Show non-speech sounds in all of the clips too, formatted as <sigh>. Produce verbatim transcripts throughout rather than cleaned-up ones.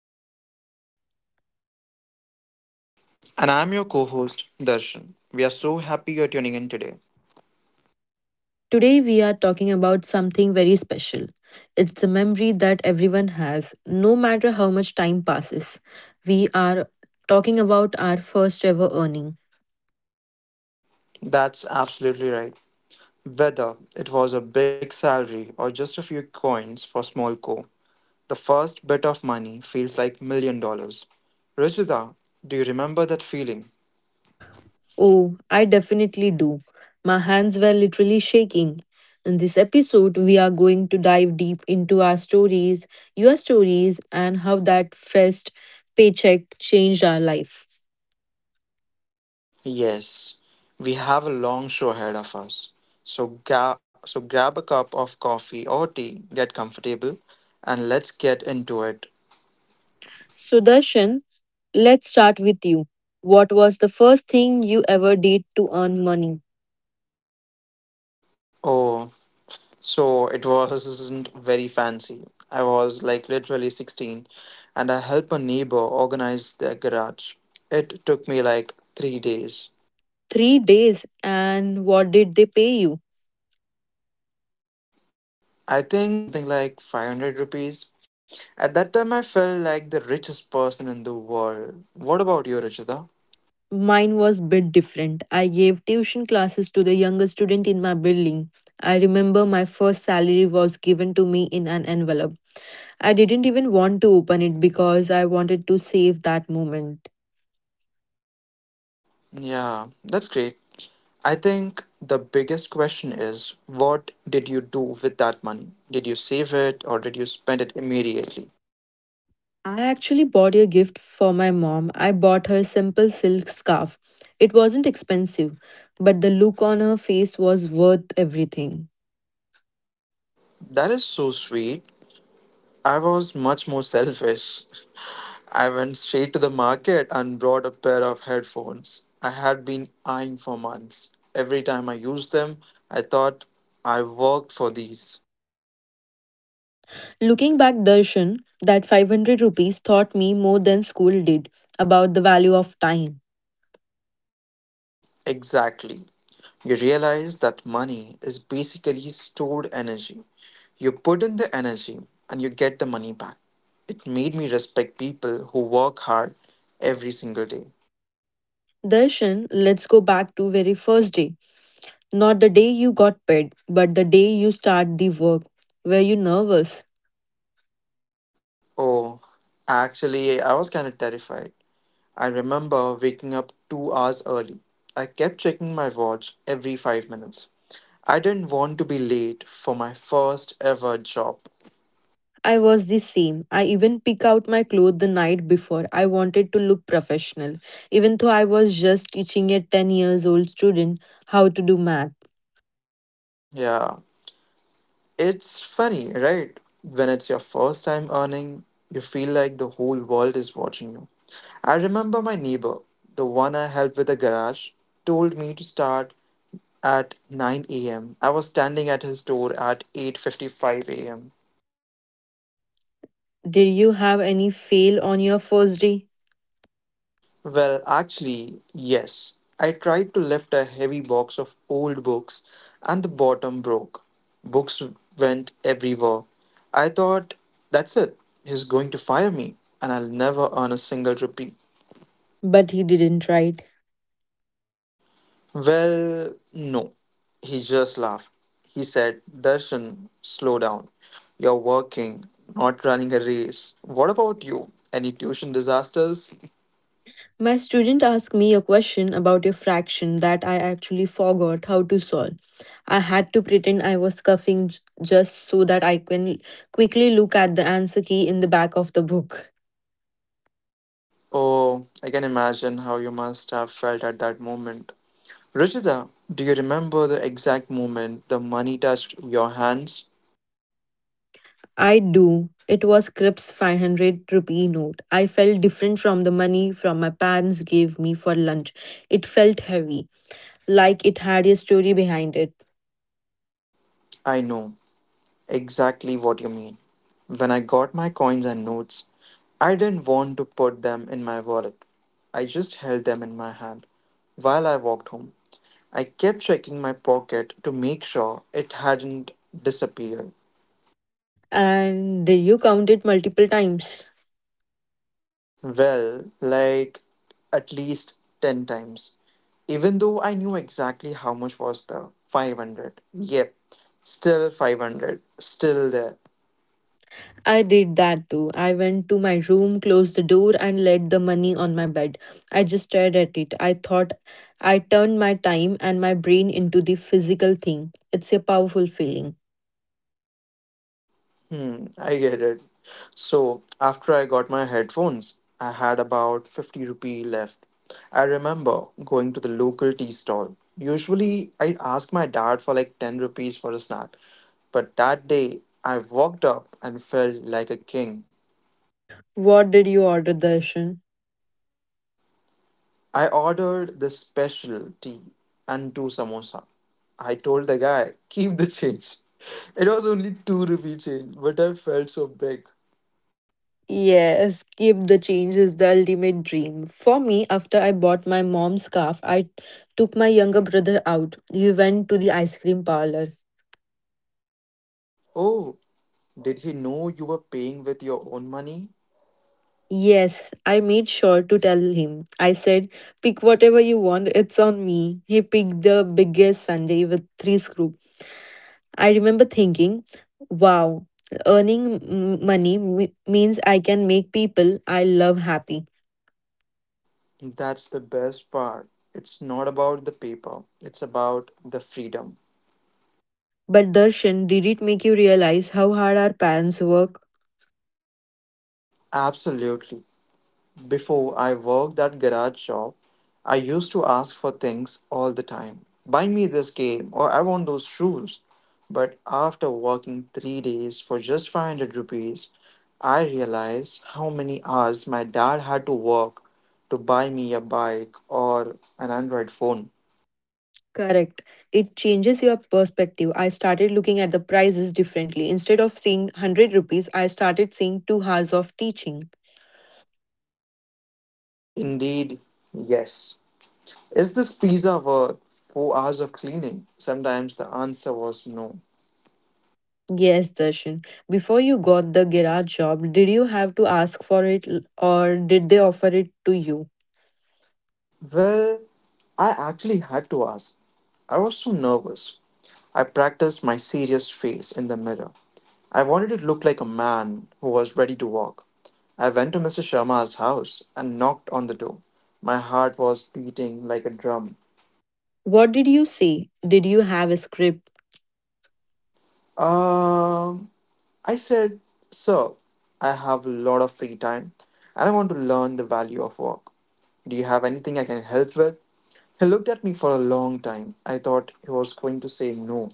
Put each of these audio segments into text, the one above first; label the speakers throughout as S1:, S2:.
S1: Ruchita.
S2: And I'm your co host, Darshan. We are so happy you're tuning in today.
S1: Today we are talking about something very special. It's a memory that everyone has, no matter how much time passes. We are talking about our first ever earning.
S2: That's absolutely right. Whether it was a big salary or just a few coins for small co, the first bit of money feels like million dollars. Ruchita, do you remember that feeling?
S1: Oh, I definitely do. My hands were literally shaking. In this episode, we are going to dive deep into our stories, your stories, and how that first paycheck changed our life.
S2: Yes, we have a long show ahead of us. So, ga- so grab a cup of coffee or tea, get comfortable, and let's get into it.
S1: Sudarshan, let's start with you. What was the first thing you ever did to earn money?
S2: Oh, so it wasn't very fancy. I was like literally sixteen and I helped a neighbor organize their garage. It took me like three days.
S1: Three days, and what did they pay you?
S2: I think they paid me something like five hundred rupees. At that time, I felt like the richest person in the world. What about you, Rachita?
S1: Mine was bit different. I gave tuition classes to the younger student in my building. I remember my first salary was given to me in an envelope. I didn't even want to open it because I wanted to save that moment.
S2: Yeah, that's great. I think the biggest question is what did you do with that money? Did you save it or did you spend it immediately?
S1: I actually bought a gift for my mom. I bought her a simple silk scarf. It wasn't expensive, but the look on her face was worth everything.
S2: That is so sweet. I was much more selfish. I went straight to the market and bought a pair of headphones I had been eyeing for months. Every time I used them, I thought I worked for these.
S1: Looking back, Darshan, that five hundred rupees taught me more than school did about the value of time.
S2: Exactly. You realize that money is basically stored energy. You put in the energy and you get the money back. It made me respect people who work hard every single day.
S1: Darshan, let's go back to very first day. Not the day you got paid, but the day you start the work. Were you nervous?
S2: Oh, actually, I was kind of terrified. I remember waking up two hours early. I kept checking my watch every five minutes. I didn't want to be late for my first ever job.
S1: I was the same. I even pick out my clothes the night before. I wanted to look professional, even though I was just teaching a ten years old student how to do math.
S2: Yeah, it's funny, right? When it's your first time earning, you feel like the whole world is watching you. I remember my neighbor, the one I helped with the garage, told me to start at nine a m. I was standing at his door at eight fifty-five a m.
S1: Did you have any fail on your first day?
S2: Well, actually, yes. I tried to lift a heavy box of old books and the bottom broke. Books went everywhere. I thought, that's it. He's going to fire me and I'll never earn a single rupee.
S1: But he didn't, right?
S2: Well, no. He just laughed. He said, Darshan, slow down. You're working, not running a race. What about you? Any tuition disasters?
S1: My student asked me a question about a fraction that I actually forgot how to solve. I had to pretend I was coughing j- just so that I can quickly look at the answer key in the back of the book.
S2: Oh, I can imagine how you must have felt at that moment. Rajita, do you remember the exact moment the money touched your hands?
S1: I do. It was Crips five hundred rupee note. I felt different from the money from my parents gave me for lunch. It felt heavy, like it had a story behind it.
S2: I know exactly what you mean. When I got my coins and notes, I didn't want to put them in my wallet. I just held them in my hand while I walked home. I kept checking my pocket to make sure it hadn't disappeared.
S1: And did you count it multiple times?
S2: Well, like at least ten times. Even though I knew exactly how much was the five hundred. Yep, still five hundred. Still there.
S1: I did that too. I went to my room, closed the door, and laid the money on my bed. I just stared at it. I thought I turned my time and my brain into the physical thing. It's a powerful feeling.
S2: Hmm, I get it. So, after I got my headphones, I had about fifty rupee left. I remember going to the local tea stall. Usually, I'd ask my dad for like ten rupees for a snack. But that day, I walked up and felt like a king.
S1: What did you order, Darshan?
S2: I ordered the special tea and two samosa. I told the guy, keep the change. <laughs> It was only two rupee change, but I felt so big.
S1: Yes, keep the change is the ultimate dream. For me, after I bought my mom's scarf, I took my younger brother out. He went to the ice cream parlor.
S2: Oh, did he know you were paying with your own money?
S1: Yes, I made sure to tell him. I said, pick whatever you want, it's on me. He picked the biggest sundae with three scoops. I remember thinking, wow, earning m- money me- means I can make people I love happy.
S2: That's the best part. It's not about the paper, it's about the freedom.
S1: But Darshan, did it make you realize how hard our parents work?
S2: Absolutely. Before I worked that garage shop, I used to ask for things all the time. Buy me this game or I want those shoes. But after working three days for just five hundred rupees, I realized how many hours my dad had to work to buy me a bike or an Android phone.
S1: Correct. It changes your perspective. I started looking at the prices differently. Instead of seeing one hundred rupees, I started seeing two hours of teaching.
S2: Indeed, yes. Is this pizza worth four hours of cleaning? Sometimes the answer was no.
S1: Yes, Darshan. Before you got the garage job, did you have to ask for it l- or did they offer it to you?
S2: Well, I actually had to ask. I was so nervous. I practiced my serious face in the mirror. I wanted it to look like a man who was ready to walk. I went to mister Sharma's house and knocked on the door. My heart was beating like a drum.
S1: What did you say? Did you have a script?
S2: Um, I said, sir, I have a lot of free time and I want to learn the value of work. Do you have anything I can help with? He looked at me for a long time. I thought he was going to say no.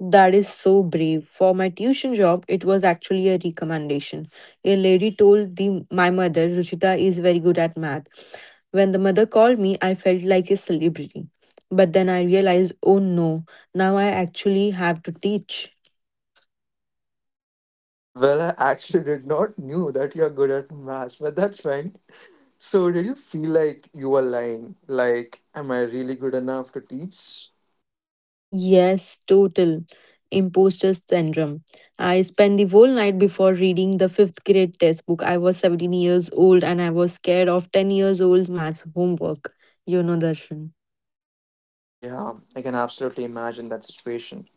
S1: That is so brave. For my tuition job, it was actually a recommendation. A lady told the, my mother, Ruchita is very good at math. When the mother called me, I felt like a celebrity. But then I realized, oh no, now I actually have to teach.
S2: Well, I actually did not knew that you're good at maths, but that's fine. So, did you feel like you were lying? Like, am I really good enough to teach?
S1: Yes, total. Imposter syndrome. I spent the whole night before reading the fifth grade textbook. I was seventeen years old and I was scared of ten years old maths homework. You know, Darshan.
S2: Yeah, I can absolutely imagine that situation.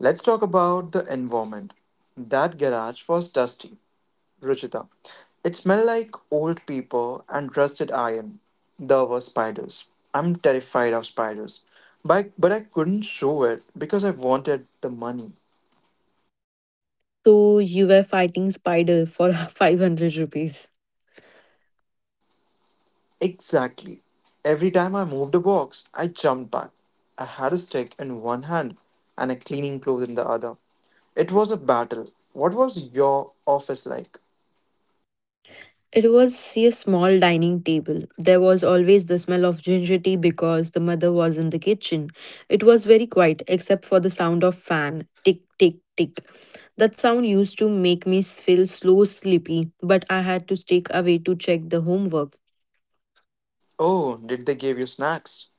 S2: Let's talk about the environment. That garage was dusty, Ruchita. It smelled like old paper and rusted iron. There were spiders. I'm terrified of spiders. But, but I couldn't show it because I wanted the money.
S1: So you were fighting spider for <laughs> five hundred rupees.
S2: Exactly. Every time I moved a box, I jumped back. I had a stick in one hand and a cleaning cloth in the other. It was a battle. What was your office like?
S1: It was a small dining table. There was always the smell of ginger tea because the mother was in the kitchen. It was very quiet except for the sound of fan. Tick, tick, tick. That sound used to make me feel slow sleepy, but I had to stay away to check the homework.
S2: Oh, did they give you snacks?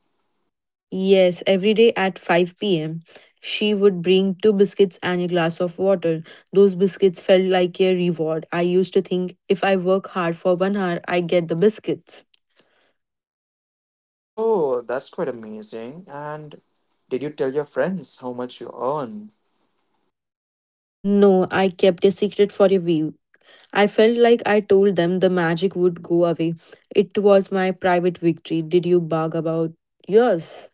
S1: Yes, every day at five p m, she would bring two biscuits and a glass of water. Those biscuits felt like a reward. I used to think if I work hard for one hour, I get the biscuits.
S2: Oh, that's quite amazing. And did you tell your friends how much you earn?
S1: No, I kept a secret for a week. I felt like I told them the magic would go away. It was my private victory. Did you bark about yours?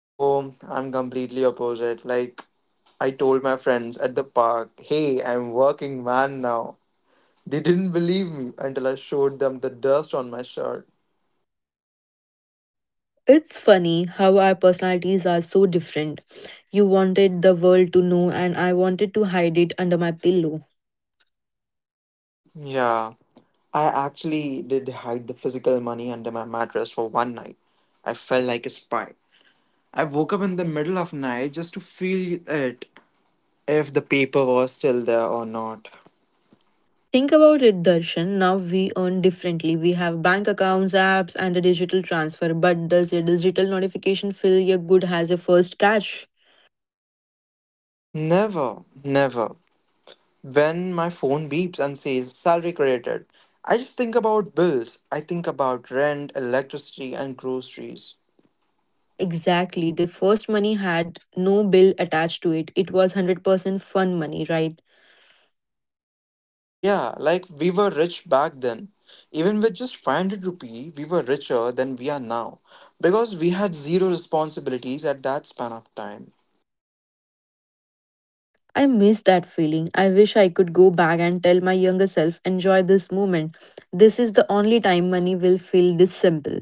S2: Oh, I'm completely opposite. Like, I told my friends at the park, hey, I'm working man now. They didn't believe me until I showed them the dust on my shirt.
S1: It's funny how our personalities are so different. You wanted the world to know, and I wanted to hide it under my pillow.
S2: Yeah, I actually did hide the physical money under my mattress for one night. I felt like a spy. I woke up in the middle of night just to feel it if the paper was still there or not.
S1: Think about it, Darshan. Now we earn differently. We have bank accounts, apps, and a digital transfer. But does a digital notification fill your good as a first cash?
S2: Never, never. When my phone beeps and says salary credited, I just think about bills. I think about rent, electricity and groceries.
S1: Exactly. The first money had no bill attached to it. It was one hundred percent fun money, right?
S2: Yeah, like we were rich back then. Even with just five hundred rupee, we were richer than we are now because we had zero responsibilities at that span of time.
S1: I miss that feeling. I wish I could go back and tell my younger self, enjoy this moment. This is the only time money will feel this simple.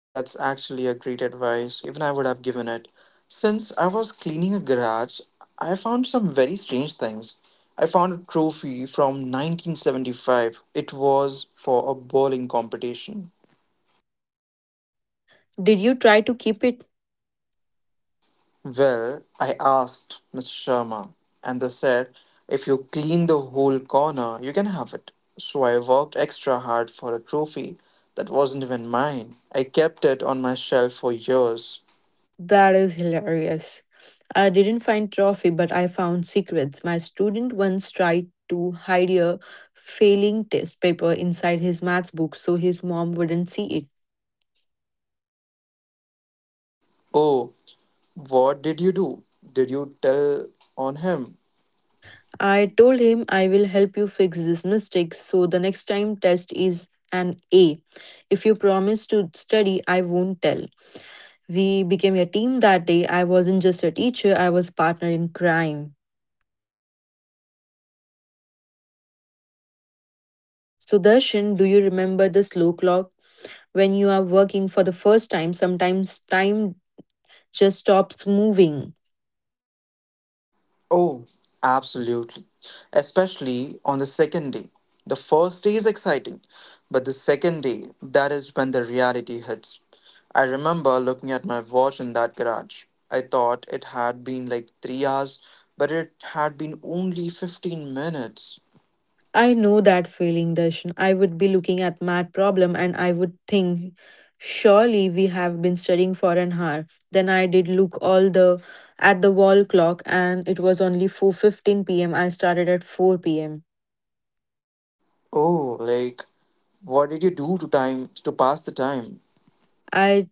S2: That's actually a great advice, even I would have given it. Since I was cleaning a garage, I found some very strange things. I found a trophy from nineteen seventy-five. It was for a bowling competition.
S1: Did you try to keep it?
S2: Well, I asked mister Sharma, and they said, if you clean the whole corner, you can have it. So I worked extra hard for a trophy that wasn't even mine. I kept it on my shelf for years.
S1: That is hilarious. I didn't find trophy, but I found secrets. My student once tried to hide a failing test paper inside his maths book so his mom wouldn't see it.
S2: Oh, what did you do? Did you tell on him?
S1: I told him I will help you fix this mistake so the next time test is an A. If you promise to study, I won't tell. We became a team that day. I wasn't just a teacher, I was a partner in crime. Sudarshan, do you remember the slow clock? When you are working for the first time, sometimes time just stops moving.
S2: Oh, absolutely. Especially on the second day. The first day is exciting, but the second day, that is when the reality hits. I remember looking at my watch in that garage. I thought it had been like three hours, but it had been only fifteen minutes.
S1: I know that feeling, Darshan. I would be looking at math problem and I would think, surely we have been studying for an hour. Then I did look all the at the wall clock and it was only four fifteen p m. I started at four p m.
S2: Oh, like, what did you do to time to pass the time? <laughs>
S1: I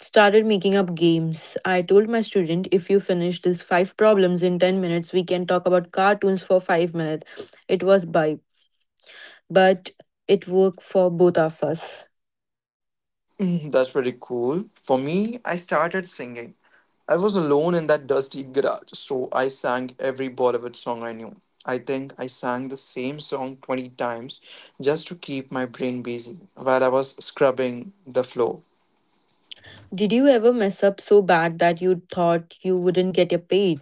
S1: started making up games. I told my student, if you finish these five problems in ten minutes, we can talk about cartoons for five minutes. It was by but it worked for both of us.
S2: Mm, that's pretty cool. For me, I started singing. I was alone in that dusty garage, so I sang every Bollywood song I knew. I think I sang the same song twenty times just to keep my brain busy while I was scrubbing the floor.
S1: Did you ever mess up so bad that you thought you wouldn't get your paid?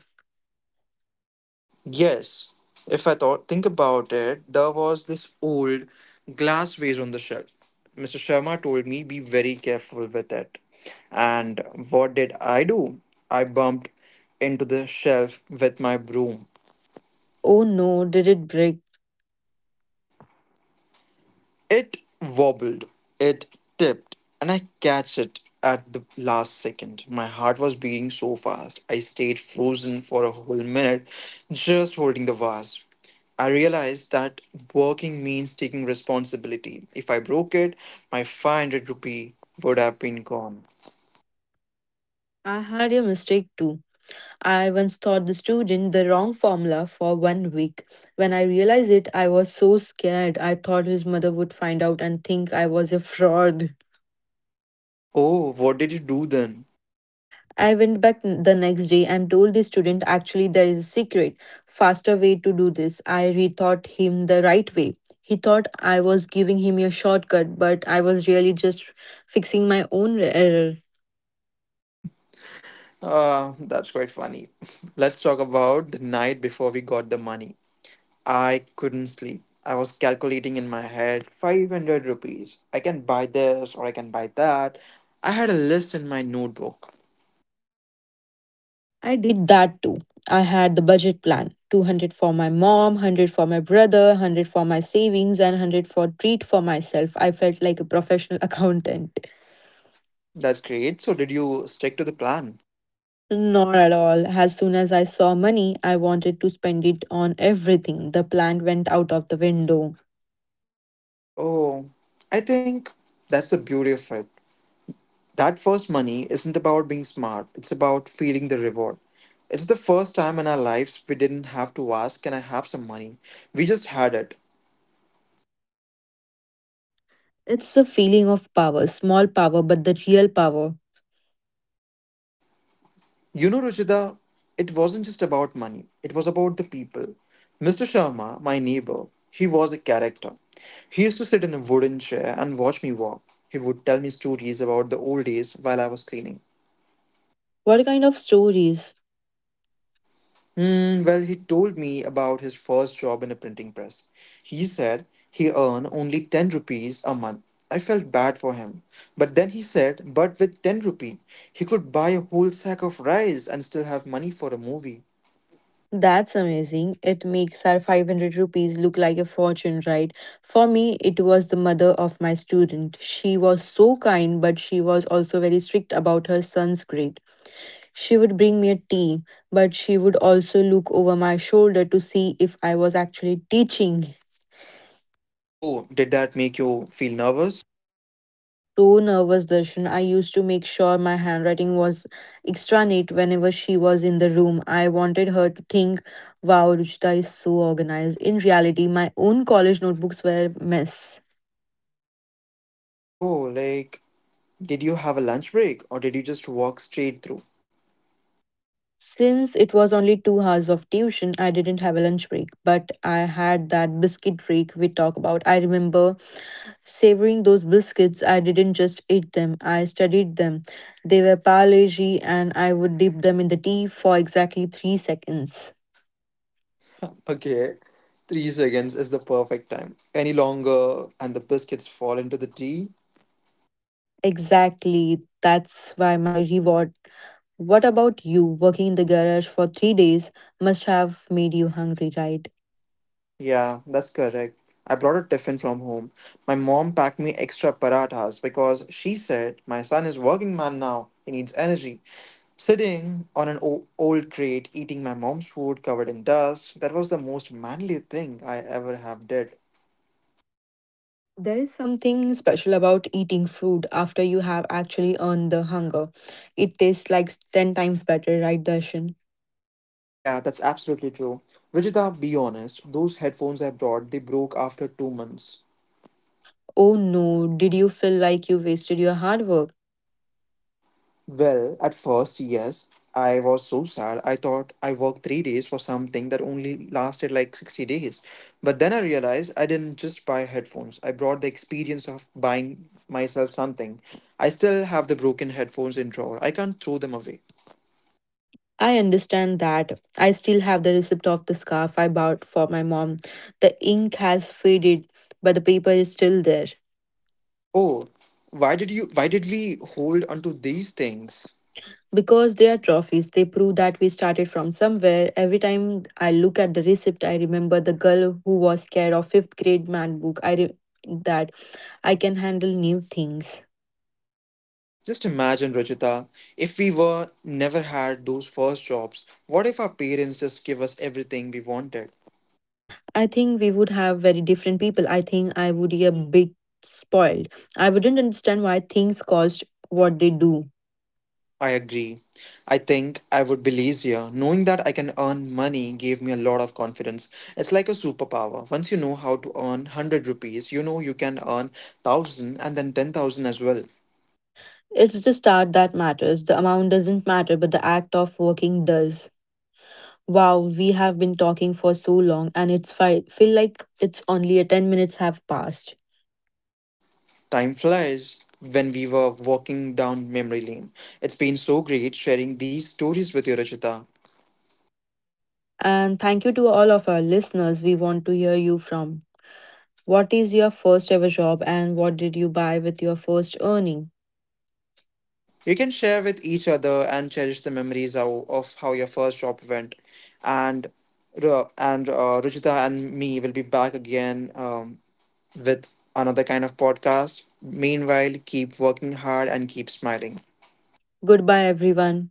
S2: Yes, if I thought, think about it, there was this old glass vase on the shelf. mister Sharma told me be very careful with it. And what did I do? I bumped into the shelf with my broom.
S1: Oh no, did it break?
S2: It wobbled, it tipped, and I catch it at the last second. My heart was beating so fast. I stayed frozen for a whole minute, just holding the vase. I realized that working means taking responsibility. If I broke it, my five hundred rupee would have been gone.
S1: I had a mistake too. I once taught the student the wrong formula for one week. When I realized it, I was so scared. I thought his mother would find out and think I was a fraud.
S2: Oh, what did you do then?
S1: I went back n- the next day and told the student actually there is a secret, faster way to do this. I rethought him the right way. He thought I was giving him a shortcut, but I was really just fixing my own error.
S2: Uh, that's quite funny. <laughs> Let's talk about the night before we got the money. I couldn't sleep. I was calculating in my head five hundred rupees. I can buy this or I can buy that. I had a list in my notebook.
S1: I did that too. I had the budget plan two hundred for my mom, one hundred for my brother, one hundred for my savings, and one hundred for treat for myself. I felt like a professional <laughs> accountant.
S2: That's great. So, did you stick to the plan?
S1: Not at all. As soon as I saw money, I wanted to spend it on everything. The plan went out of the window.
S2: Oh, I think that's the beauty of it. That first money isn't about being smart, it's about feeling the reward. It's the first time in our lives we didn't have to ask, can I have some money? We just had it.
S1: It's a feeling of power, small power, but the real power.
S2: You know, Ruchita, it wasn't just about money, it was about the people. mister Sharma, my neighbor, he was a character. He used to sit in a wooden chair and watch me walk. He would tell me stories about the old days while I was cleaning.
S1: What kind of stories?
S2: Hmm, well, he told me about his first job in a printing press. He said he earned only ten rupees a month. I felt bad for him. But then he said, but with ten rupee, he could buy a whole sack of rice and still have money for a movie.
S1: That's amazing. It makes our five hundred rupees look like a fortune, right? For me, it was the mother of my student. She was so kind, but she was also very strict about her son's grade. She would bring me a tea, but she would also look over my shoulder to see if I was actually teaching.
S2: Oh, did that make you feel nervous?
S1: So nervous, Darshan. I used to make sure my handwriting was extra neat whenever she was in the room. I wanted her to think, wow, Ruchita is so organized. In reality, my own college notebooks were a mess.
S2: Oh, like, did you have a lunch break or did you just walk straight through?
S1: Since it was only two hours of tuition, I didn't have a lunch break, but I had that biscuit break we talk about. I remember savoring those biscuits. I didn't just eat them, I studied them. They were parleji, and I would dip them in the tea for exactly three seconds.
S2: Okay, three seconds is the perfect time. Any longer and the biscuits fall into the tea?
S1: Exactly. That's why my reward. What about you? Working in the garage for three days must have made you hungry, right?
S2: Yeah, that's correct. I brought a tiffin from home. My mom packed me extra parathas because she said my son is working man now. He needs energy. Sitting on an o- old crate eating my mom's food covered in dust, that was the most manly thing I ever have did.
S1: There is something special about eating food after you have actually earned the hunger. It tastes like ten times better, right, Darshan?
S2: Yeah, that's absolutely true. Rajita, be honest, those headphones I brought, they broke after two months.
S1: Oh no, did you feel like you wasted your hard work?
S2: Well, at first, yes, I was so sad. I thought I worked three days for something that only lasted like sixty days. But then I realized I didn't just buy headphones, I brought the experience of buying myself something. I still have the broken headphones in drawer. I can't throw them away.
S1: I understand that. I still have the receipt of the scarf I bought for my mom. The ink has faded, but the paper is still there.
S2: Oh, why did you why did we hold onto these things?
S1: Because they are trophies, they prove that we started from somewhere. Every time I look at the receipt, I remember the girl who was scared of fifth grade man book i re- That I can handle new things.
S2: Just imagine, Rajita, if we were never had those first jobs, what if our parents just give us everything we wanted?
S1: I think we would have very different people. I think I would be a bit spoiled. I wouldn't understand why things cost what they do.
S2: I agree. I think I would be lazier. Knowing that I can earn money gave me a lot of confidence. It's like a superpower. Once you know how to earn one hundred rupees, you know you can earn one thousand and then ten thousand as well.
S1: It's the start that matters. The amount doesn't matter, but the act of working does. Wow, we have been talking for so long and it's fi- feel like it's only a ten minutes have passed.
S2: Time flies when we were walking down memory lane. It's been so great sharing these stories with you, Rajita.
S1: And thank you to all of our listeners. We want to hear you from. What is your first ever job and what did you buy with your first earning?
S2: You can share with each other and cherish the memories of, of how your first job went. And Ru- and uh, Ruchita and me will be back again um, with another kind of podcast. Meanwhile, keep working hard and keep smiling.
S1: Goodbye, everyone.